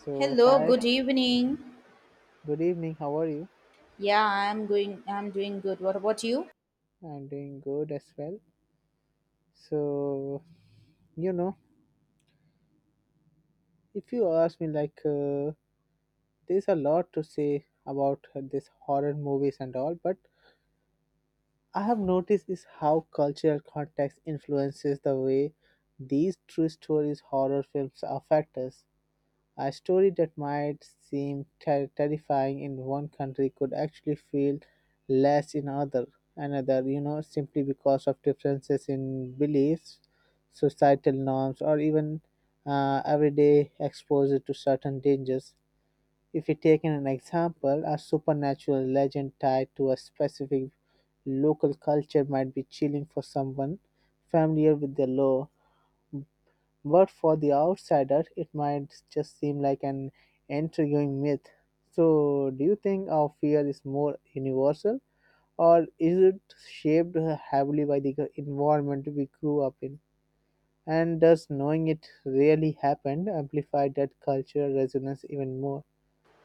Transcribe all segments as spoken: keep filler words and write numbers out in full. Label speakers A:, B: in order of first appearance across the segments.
A: So,
B: Hello,
A: hi,
B: good evening.
A: good evening. How are you?
B: Yeah, I'm going I'm doing good. What about you?
A: I'm doing good as well. So, you know, if you ask me, like, uh, there's a lot to say about uh, this horror movies and all, but I have noticed is how cultural context influences the way these true stories horror films affect us. A story that might seem ter- terrifying in one country could actually feel less in other another, you know, simply because of differences in beliefs, societal norms, or even uh, everyday exposure to certain dangers. If we take an example, a supernatural legend tied to a specific local culture might be chilling for someone familiar with the law, but for the outsider, it might just seem like an intriguing myth. So, do you think our fear is more universal, or is it shaped heavily by the environment we grew up in? And does knowing it really happened amplify that cultural resonance even more?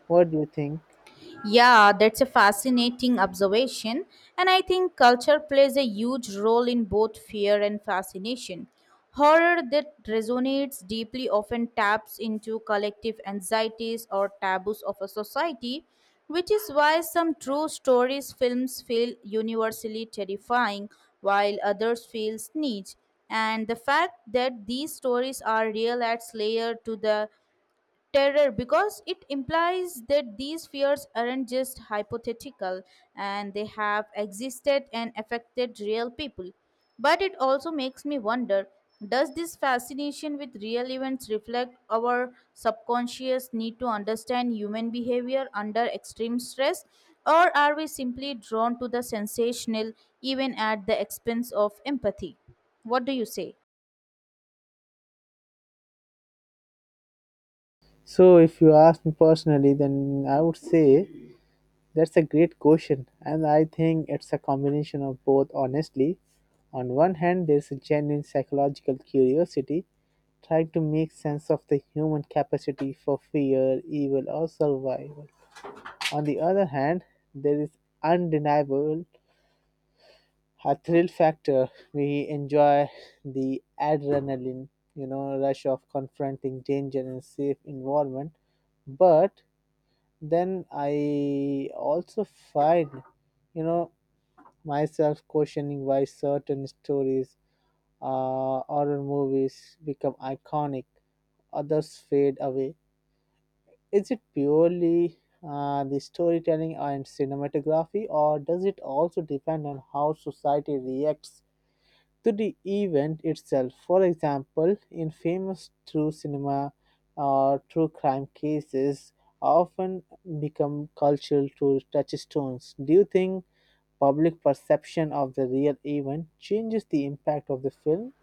A: What do you think?
B: Yeah, that's a fascinating observation. And I think culture plays a huge role in both fear and fascination. Horror that resonates deeply often taps into collective anxieties or taboos of a society, which is why some true stories films feel universally terrifying while others feel niche. And the fact that these stories are real adds layer to the terror because it implies that these fears aren't just hypothetical and they have existed and affected real people. But it also makes me wonder, does this fascination with real events reflect our subconscious need to understand human behavior under extreme stress? Or are we simply drawn to the sensational even at the expense of empathy? What do you say?
A: So, if you ask me personally, then I would say, that's a great question, and I think it's a combination of both, honestly. On one hand, there's a genuine psychological curiosity, trying to make sense of the human capacity for fear, evil, or survival. On the other hand, there is undeniable a thrill factor. We enjoy the adrenaline, you know, rush of confronting danger in a safe environment. But then I also find, you know, myself questioning why certain stories, uh, horror movies become iconic, others fade away. Is it purely uh, the storytelling and cinematography, or does it also depend on how society reacts to the event itself? For example, in famous true cinema, uh, true crime cases often become cultural to touchstones. Do you think public perception of the real event changes the impact of the film?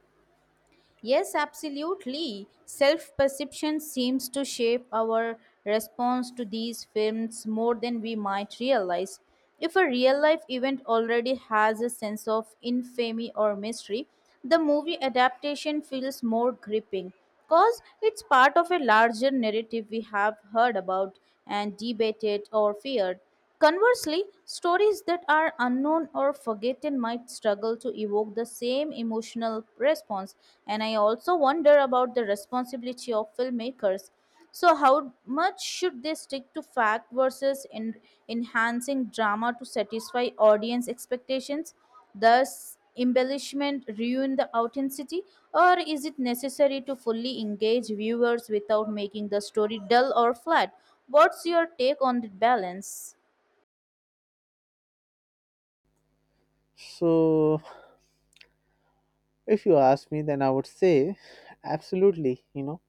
B: Yes, absolutely. Self perception seems to shape our response to these films more than we might realize. If a real life event already has a sense of infamy or mystery, the movie adaptation feels more gripping because it's part of a larger narrative we have heard about and debated or feared. Conversely, stories that are unknown or forgotten might struggle to evoke the same emotional response, and I also wonder about the responsibility of filmmakers. So, how much should they stick to fact versus in enhancing drama to satisfy audience expectations? Does embellishment ruin the authenticity, or is it necessary to fully engage viewers without making the story dull or flat? What's your take on the balance?
A: So, if you ask me, then I would say, absolutely. You know,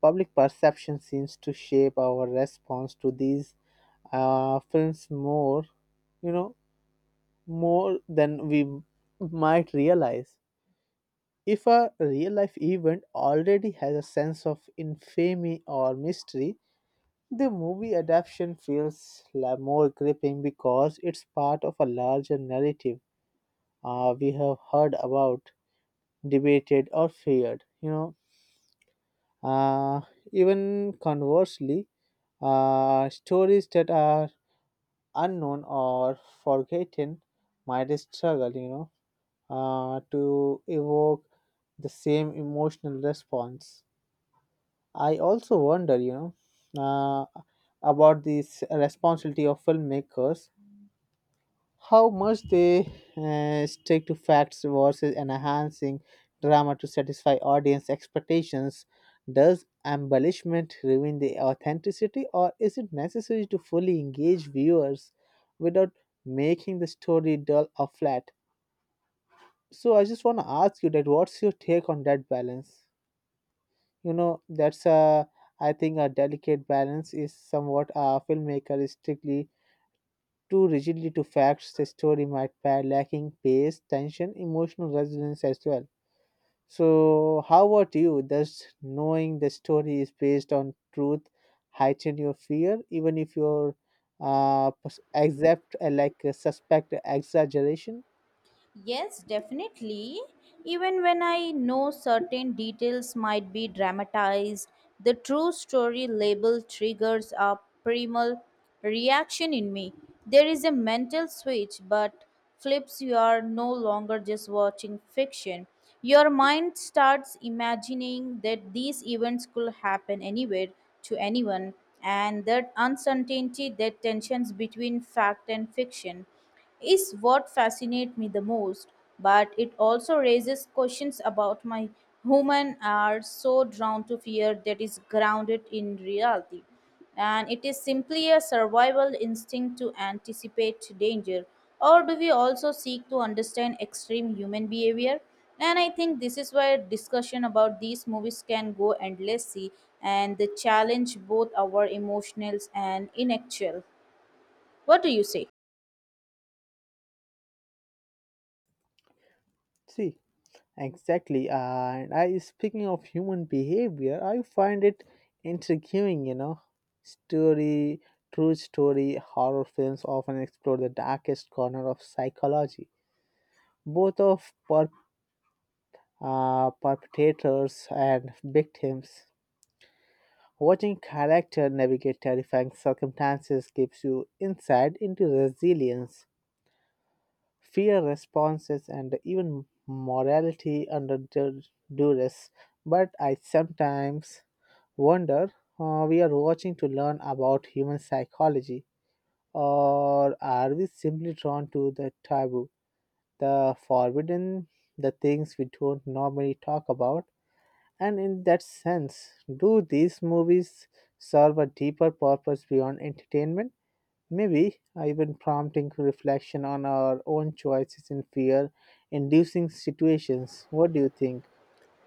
A: Public perception seems to shape our response to these uh, films more. You know, More than we might realize. If a real life event already has a sense of infamy or mystery, the movie adaptation feels la- more gripping because it's part of a larger narrative uh, we have heard about, debated, or feared. You know, uh, Even conversely, uh, stories that are unknown or forgotten might struggle. You know, uh, to evoke the same emotional response. I also wonder, you know, uh, about this responsibility of filmmakers, how much they uh, stick to facts versus enhancing drama to satisfy audience expectations. Does embellishment ruin the authenticity, or is it necessary to fully engage viewers without making the story dull or flat? So, I just want to ask you that, what's your take on that balance? You know that's a I think a delicate balance is somewhat, a filmmaker is strictly too rigidly to facts, the story might be lacking pace, tension, emotional resonance as well. So, how about you? Does knowing the story is based on truth heighten your fear even if you're uh pers- accept uh, like uh, suspect exaggeration?
B: Yes, definitely. Even when I know certain details might be dramatized, the true story label triggers a primal reaction in me. There is a mental switch, but flips you are no longer just watching fiction. Your mind starts imagining that these events could happen anywhere to anyone, and that uncertainty, that tensions between fact and fiction is what fascinates me the most, but it also raises questions about my human are so drawn to fear that is grounded in reality. And it is simply a survival instinct to anticipate danger. Or do we also seek to understand extreme human behavior? And I think this is where discussion about these movies can go endlessly and they challenge both our emotionals and intellectual. What do you say?
A: See, exactly. And I speaking of human behavior, I find it intriguing, you know. Story, True story, horror films often explore the darkest corner of psychology, both of per, uh, perpetrators and victims. Watching character navigate terrifying circumstances gives you insight into resilience, fear responses, and even morality under du- duress. But I sometimes wonder uh, we are watching to learn about human psychology, or are we simply drawn to the taboo, the forbidden, the things we don't normally talk about? And in that sense, do these movies serve a deeper purpose beyond entertainment, maybe even prompting reflection on our own choices in fear inducing situations? What do you think?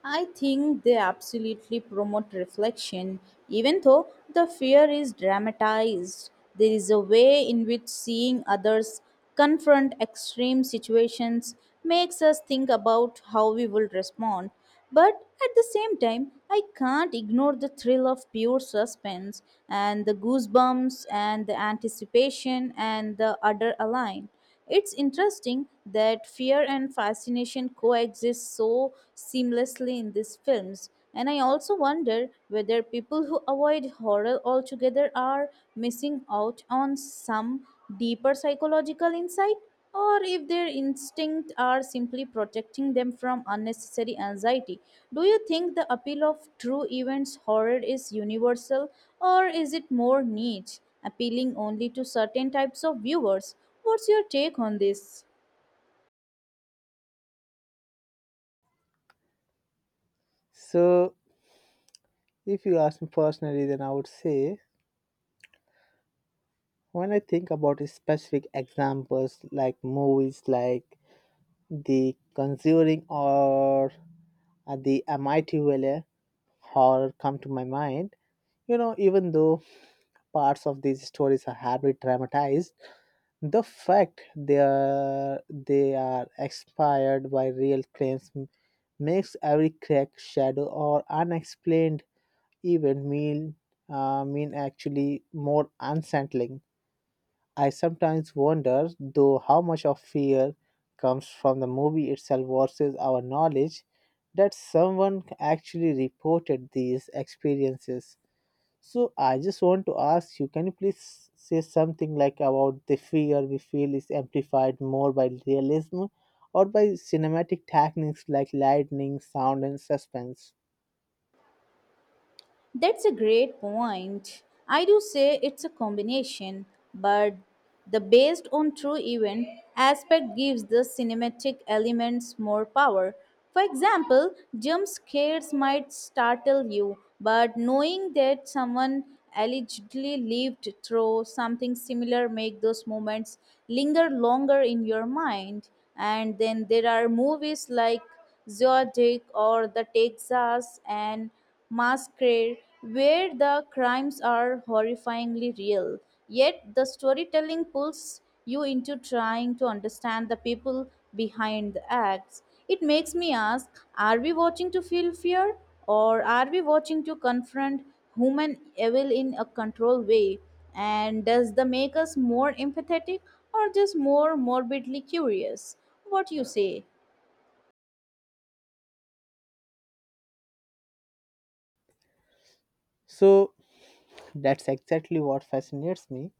B: I think they absolutely promote reflection, even though the fear is dramatized. There is a way in which seeing others confront extreme situations makes us think about how we will respond. But at the same time, I can't ignore the thrill of pure suspense and the goosebumps and the anticipation and the utter align. It's interesting that fear and fascination coexist so seamlessly in these films. And I also wonder whether people who avoid horror altogether are missing out on some deeper psychological insight or if their instincts are simply protecting them from unnecessary anxiety. Do you think the appeal of true events horror is universal, or is it more niche, appealing only to certain types of viewers? What's your take on this?
A: So, if you ask me personally, then I would say, when I think about specific examples like movies like The Conjuring or uh, The Amityville horror come to my mind, you know, even though parts of these stories are heavily dramatized, the fact they are they are inspired by real claims m- makes every crack, shadow, or unexplained event mean uh, mean actually more unsettling. I sometimes wonder, though, how much of fear comes from the movie itself versus our knowledge that someone actually reported these experiences. So, I just want to ask you, can you please say something like, about the fear we feel, is amplified more by realism or by cinematic techniques like lightning, sound, and suspense?
B: That's a great point. I do say it's a combination, but the based on true event aspect gives the cinematic elements more power. For example, jump scares might startle you, but knowing that someone allegedly lived through something similar make those moments linger longer in your mind. And then there are movies like Zodiac or the Texas and Massacre, where the crimes are horrifyingly real. Yet the storytelling pulls you into trying to understand the people behind the acts. It makes me ask, are we watching to feel fear, or are we watching to confront human evil in a controlled way? And does the make us more empathetic or just more morbidly curious? What you say?
A: So, that's exactly what fascinates me.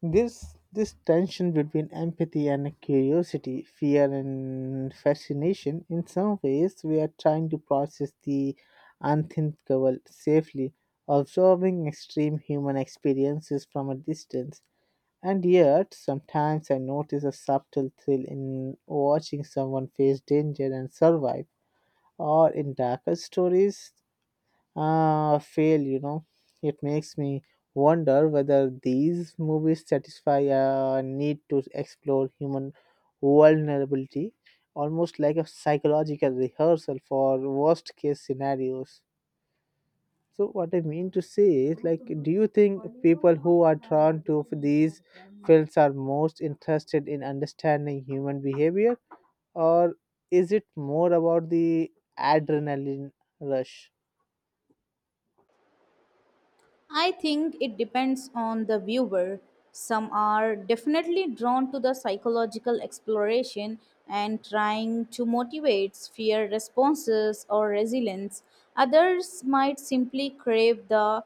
A: This this tension between empathy and curiosity, fear and fascination, in some ways we are trying to process the unthinkable safely, observing extreme human experiences from a distance. And yet sometimes I notice a subtle thrill in watching someone face danger and survive, or in darker stories, uh, fail, you know. It makes me wonder whether these movies satisfy a need to explore human vulnerability, almost like a psychological rehearsal for worst case scenarios. So, what I mean to say is, like, do you think people who are drawn to these films are most interested in understanding human behavior, or is it more about the adrenaline rush?
B: I think it depends on the viewer. Some are definitely drawn to the psychological exploration and trying to motivate fear responses or resilience. Others might simply crave the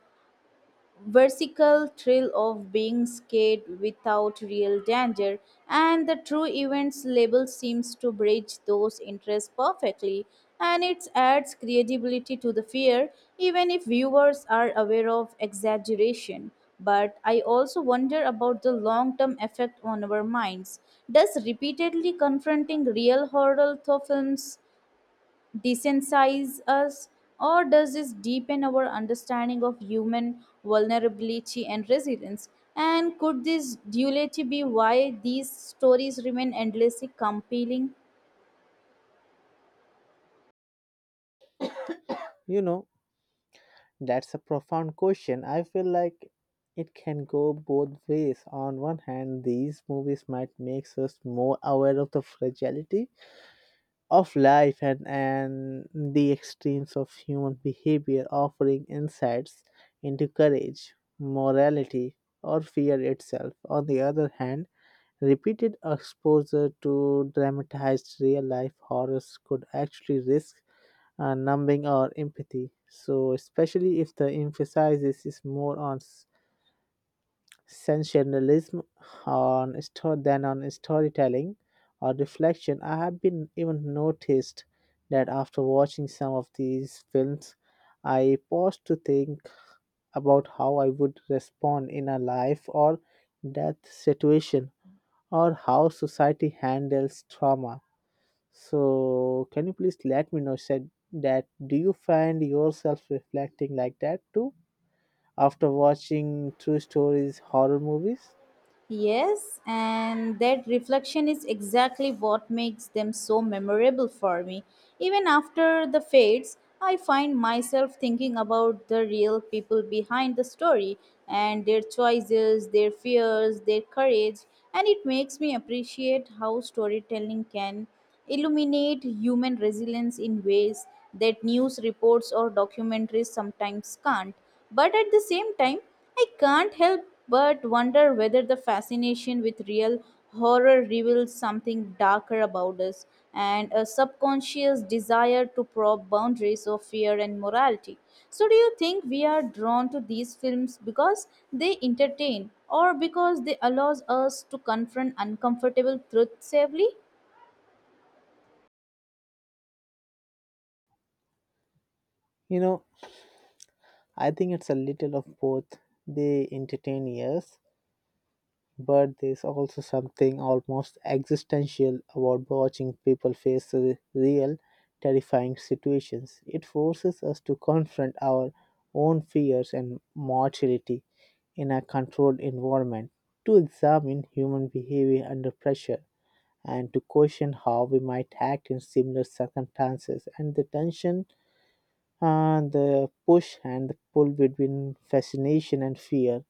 B: versical thrill of being scared without real danger, and the true events label seems to bridge those interests perfectly, and it adds credibility to the fear even if viewers are aware of exaggeration. But I also wonder about the long term effect on our minds. Does repeatedly confronting real horror films desensitize us, or does this deepen our understanding of human vulnerability and resilience? And could this duality be why these stories remain endlessly compelling?
A: You know, That's a profound question. I feel like it can go both ways. On one hand, these movies might make us more aware of the fragility of life and, and the extremes of human behavior, offering insights into courage, morality, or fear itself. On the other hand, repeated exposure to dramatized real life horrors could actually risk uh, numbing or empathy. So, especially if the emphasis is more on s- sensationalism on store than on storytelling or reflection, I have been even noticed that after watching some of these films, I pause to think about how I would respond in a life or death situation, or how society handles trauma. So, can you please let me know, said that, do you find yourself reflecting like that too after watching true stories, horror movies?
B: Yes, and that reflection is exactly what makes them so memorable for me. Even after the fades, I find myself thinking about the real people behind the story and their choices, their fears, their courage, and it makes me appreciate how storytelling can illuminate human resilience in ways that news reports or documentaries sometimes can't. But at the same time, I can't help but wonder whether the fascination with real horror reveals something darker about us and a subconscious desire to probe boundaries of fear and morality. So, do you think we are drawn to these films because they entertain or because they allows us to confront uncomfortable truths safely?
A: You know, I think it's a little of both. They entertain, yes, but there's also something almost existential about watching people face re- real, terrifying situations. It forces us to confront our own fears and mortality in a controlled environment, to examine human behavior under pressure, and to question how we might act in similar circumstances. And the tension, uh, the push, and the pull between fascination and fear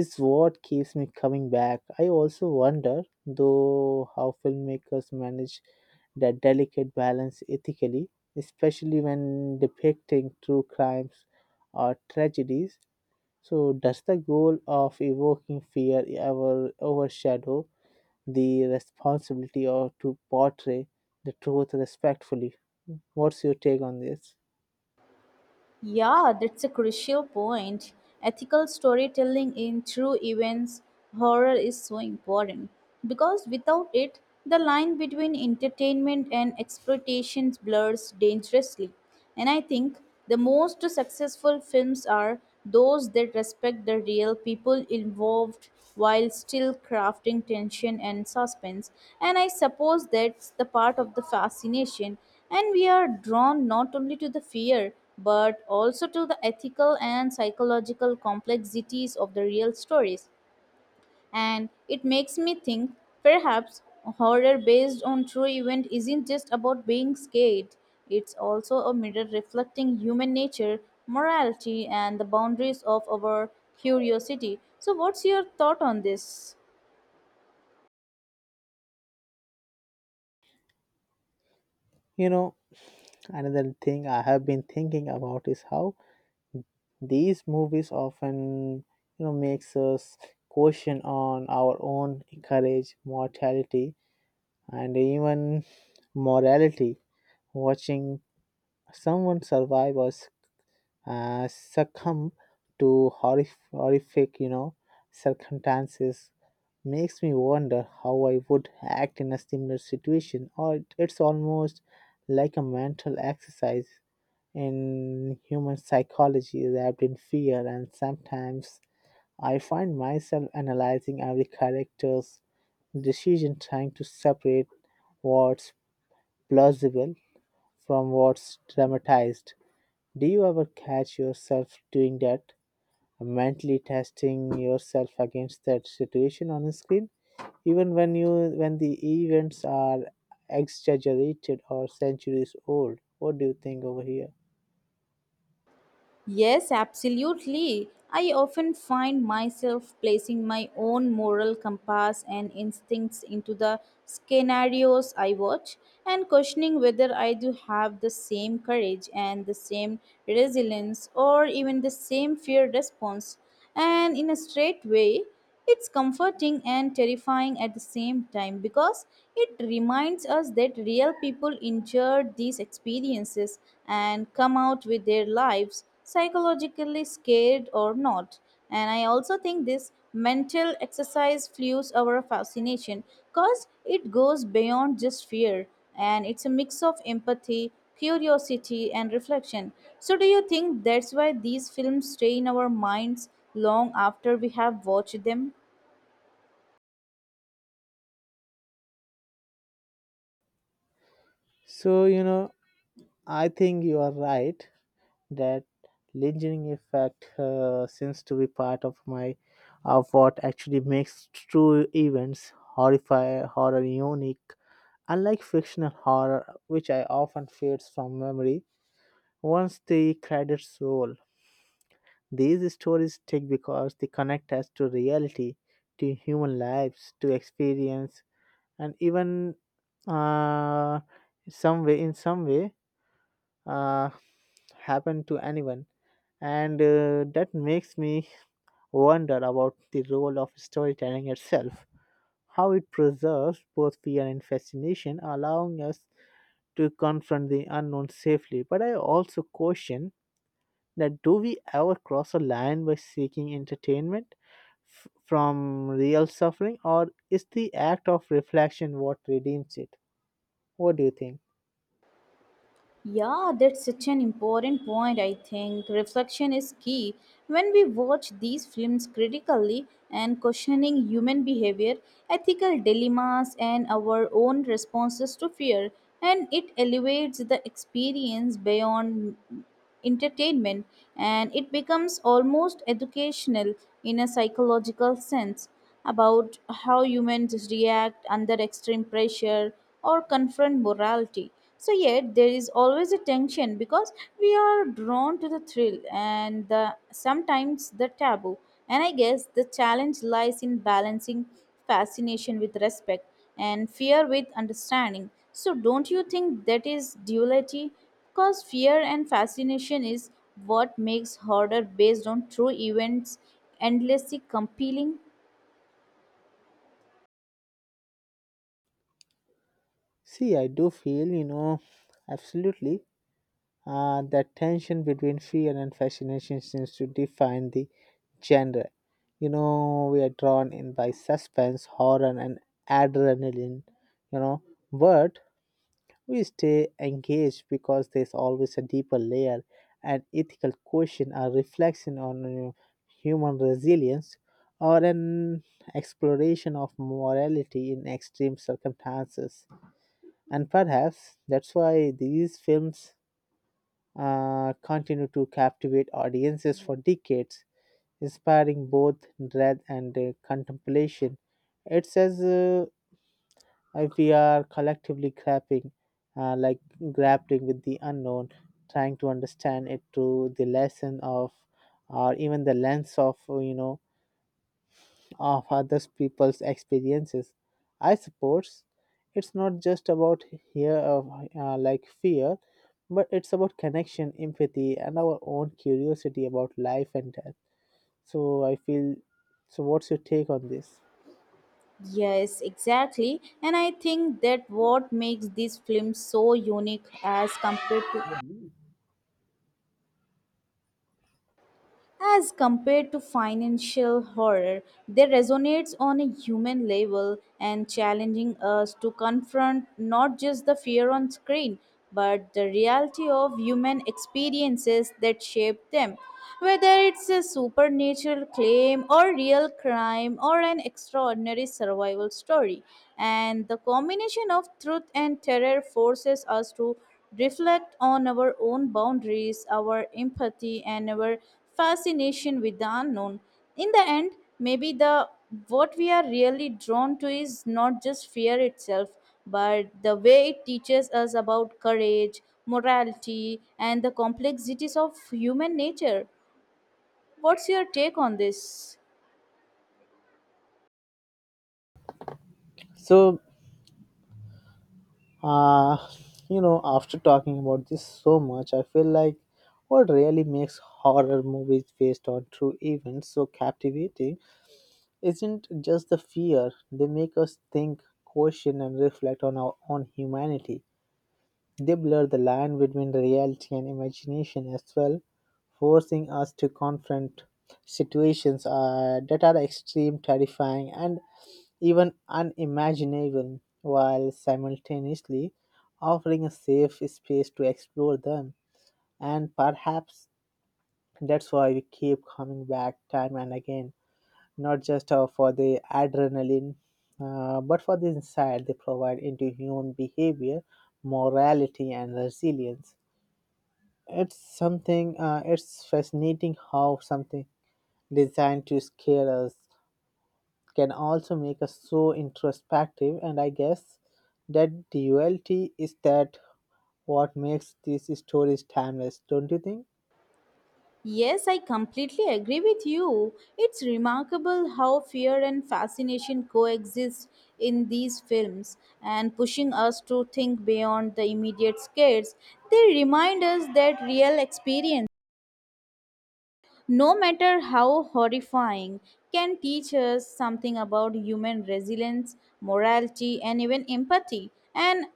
A: is what keeps me coming back. I also wonder, though, how filmmakers manage that delicate balance ethically, especially when depicting true crimes or tragedies. So, does the goal of evoking fear ever overshadow the responsibility or to portray the truth respectfully? What's your take on this?
B: Yeah, that's a crucial point. Ethical storytelling in true events horror is so important because without it, the line between entertainment and exploitation blurs dangerously. And I think the most successful films are those that respect the real people involved while still crafting tension and suspense. And I suppose that's the part of the fascination. And we are drawn not only to the fear but also to the ethical and psychological complexities of the real stories. And it makes me think, perhaps horror based on true event isn't just about being scared, it's also a mirror reflecting human nature, morality, and the boundaries of our curiosity. So, what's your thought on this?
A: You know, Another thing I have been thinking about is how these movies often, you know, makes us question on our own courage, mortality, and even morality. Watching someone survive or uh, succumb to horrif- horrific, you know, circumstances makes me wonder how I would act in a similar situation. Or it- it's almost like a mental exercise in human psychology wrapped in fear. And sometimes I find myself analyzing every character's decision, trying to separate what's plausible from what's dramatized. Do you ever catch yourself doing that? Mentally testing yourself against that situation on the screen, even when you, when the events are exaggerated or centuries old? What do you think over here?
B: Yes, absolutely. I often find myself placing my own moral compass and instincts into the scenarios I watch and questioning whether I do have the same courage and the same resilience or even the same fear response. And in a straight way, it's comforting and terrifying at the same time because it reminds us that real people endured these experiences and come out with their lives psychologically scared or not. And I also think this mental exercise fuels our fascination because it goes beyond just fear and it's a mix of empathy, curiosity, and reflection. So, do you think that's why these films stay in our minds long after we have watched them?
A: So, you know I think you are right that lingering effect uh, seems to be part of my of what actually makes true events horrify horror unique, unlike fictional horror, which I often fades from memory once the credits roll. These stories stick because they connect us to reality, to human lives, to experience, and even, uh, some way, in some way, uh, happen to anyone. And uh, that makes me wonder about the role of storytelling itself, how it preserves both fear and fascination, allowing us to confront the unknown safely. But I also question that, do we ever cross a line by seeking entertainment f- from real suffering, or is the act of reflection what redeems it? What do you think?
B: Yeah, that's such an important point, I think. Reflection is key. When we watch these films critically and questioning human behavior, ethical dilemmas, and our own responses to fear, and it elevates the experience beyond entertainment and it becomes almost educational in a psychological sense, about how humans react under extreme pressure or confront morality. So, yet there is always a tension because we are drawn to the thrill and the, sometimes the taboo. And I guess the challenge lies in balancing fascination with respect and fear with understanding. So, don't you think that is duality? Because fear and fascination is what makes horror based on true events endlessly compelling.
A: See, I do feel, you know absolutely, uh, that tension between fear and fascination seems to define the genre. You know we are drawn in by suspense, horror, and adrenaline, you know but we stay engaged because there's always a deeper layer, an ethical question, a reflection on uh, human resilience, or an exploration of morality in extreme circumstances. And perhaps that's why these films uh, continue to captivate audiences for decades, inspiring both dread and uh, contemplation. It's as uh, if we are collectively grappling, uh, like grappling with the unknown, trying to understand it through the lesson of, or even the lens of, you know, of other people's experiences. I suppose it's not just about here of, uh, like, fear, but it's about connection, empathy, and our own curiosity about life and death. So I feel. So, what's your take on this?
B: Yes, exactly. And I think that what makes this film so unique as compared to As compared to financial horror, they resonates on a human level and challenging us to confront not just the fear on screen, but the reality of human experiences that shape them. Whether it's a supernatural claim or real crime or an extraordinary survival story, and the combination of truth and terror forces us to reflect on our own boundaries, our empathy, and our fascination with the unknown. In the end, maybe the what we are really drawn to is not just fear itself, but the way it teaches us about courage, morality, and the complexities of human nature. What's your take on this?
A: so Uh, you know, After talking about this so much, I feel like what really makes horror movies based on true events so captivating isn't just the fear, they make us think, question, and reflect on our own humanity. They blur the line between reality and imagination as well, forcing us to confront situations uh, that are extreme, terrifying, and even unimaginable, while simultaneously offering a safe space to explore them. And perhaps that's why we keep coming back time and again, not just uh, for the adrenaline, uh, but for the insight they provide into human behavior, morality, and resilience. It's something, uh, it's fascinating how something designed to scare us can also make us so introspective, and I guess that duality is that what makes these stories timeless, don't you think?
B: Yes, I completely agree with you. It's remarkable how fear and fascination coexist in these films and pushing us to think beyond the immediate scares. They remind us that real experiences. No matter how horrifying, can teach us something about human resilience, morality, and even empathy. And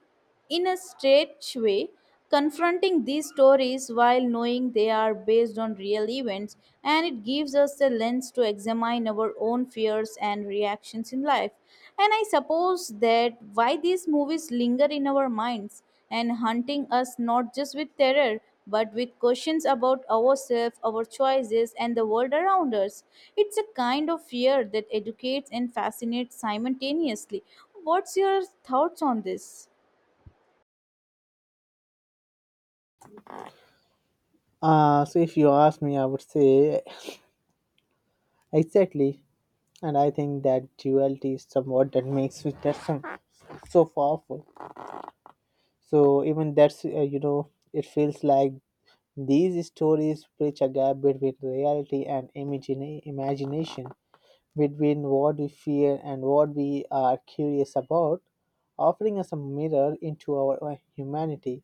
B: in a straight way, confronting these stories while knowing they are based on real events, and it gives us a lens to examine our own fears and reactions in life. And I suppose that why these movies linger in our minds and hunting us not just with terror but with questions about ourselves, our choices, and the world around us. It's a kind of fear that educates and fascinates simultaneously. What's your thoughts on this?
A: uh So if you ask me, I would say exactly. And I think that duality is somewhat that makes it that's some, so powerful. So even that's uh, you know it feels like these stories bridge a gap between reality and imagine, imagination between what we fear and what we are curious about, offering us a mirror into our uh, humanity.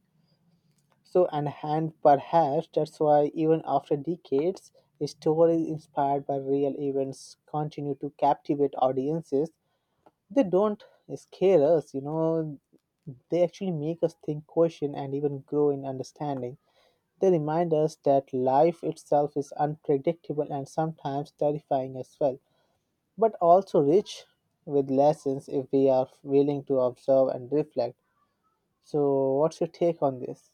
A: So, and, and perhaps that's why, even after decades, stories inspired by real events continue to captivate audiences. They don't scare us, you know, they actually make us think, question, and even grow in understanding. They remind us that life itself is unpredictable and sometimes terrifying as well, but also rich with lessons if we are willing to observe and reflect. So, what's your take on this?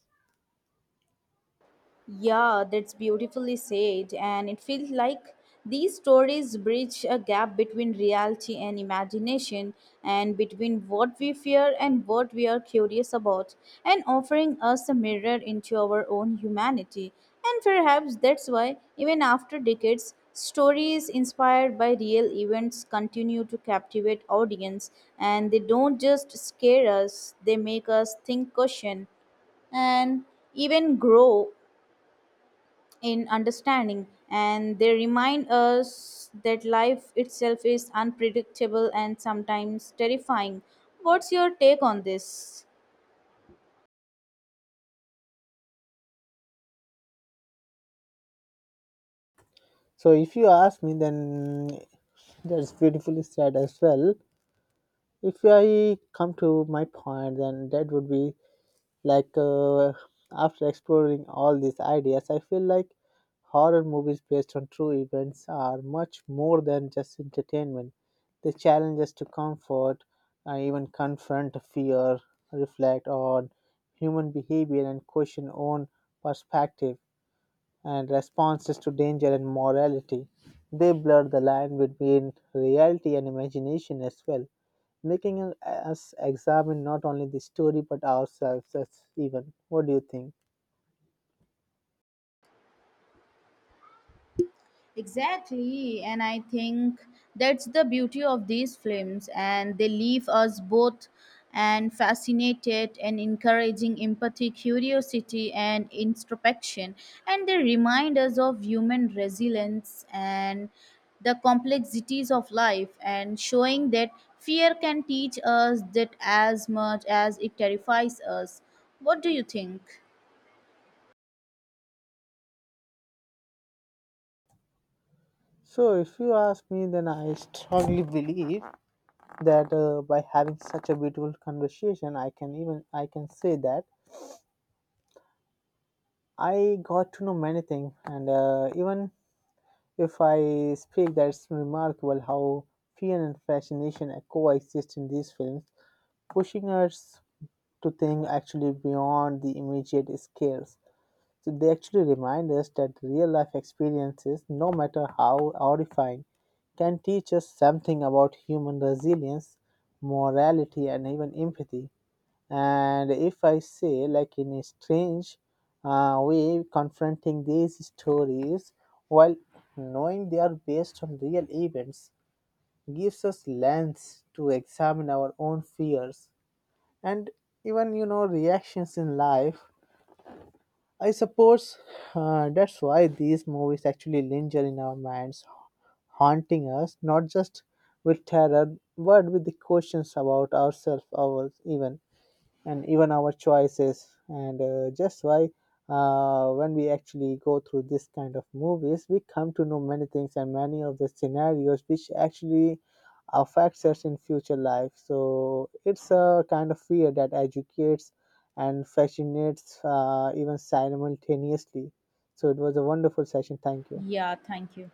B: Yeah, that's beautifully said. And it feels like these stories bridge a gap between reality and imagination, and between what we fear and what we are curious about, and offering us a mirror into our own humanity. And perhaps that's why, even after decades, stories inspired by real events continue to captivate audience, and they don't just scare us, they make us think, question, and even grow in understanding. And they remind us that life itself is unpredictable and sometimes terrifying. What's your take on this?
A: So, if you ask me, then that's beautifully said as well. If I come to my point, then that would be like uh, after exploring all these ideas, I feel like horror movies based on true events are much more than just entertainment. They challenge us to comfort and even confront fear, reflect on human behavior, and question own perspective and responses to danger and morality. They blur the line between reality and imagination as well, making us us examine not only the story but ourselves as even. What do you think?
B: Exactly, and I think that's the beauty of these films, and they leave us both and fascinated and encouraging empathy, curiosity, and introspection, and they remind us of human resilience and the complexities of life, and showing that fear can teach us that as much as it terrifies us. What do you think?
A: So, if you ask me, then I strongly believe that uh, by having such a beautiful conversation, I can even I can say that I got to know many things, and uh, even if I speak, that's remarkable how fear and fascination coexist in these films, pushing us to think actually beyond the immediate scares. So they actually remind us that real life experiences, no matter how horrifying, can teach us something about human resilience, morality, and even empathy. And if I say, like in a strange uh, way, confronting these stories while knowing they are based on real events gives us lens to examine our own fears and even, you know, reactions in life. I suppose uh, that's why these movies actually linger in our minds, haunting us not just with terror but with the questions about ourselves, ours even, and even our choices. And uh, just why, uh, when we actually go through this kind of movies, we come to know many things and many of the scenarios which actually affects us in future life. So it's a kind of fear that educates and fascinates, uh, even simultaneously. So it was a wonderful session, thank you.
B: Yeah, thank you.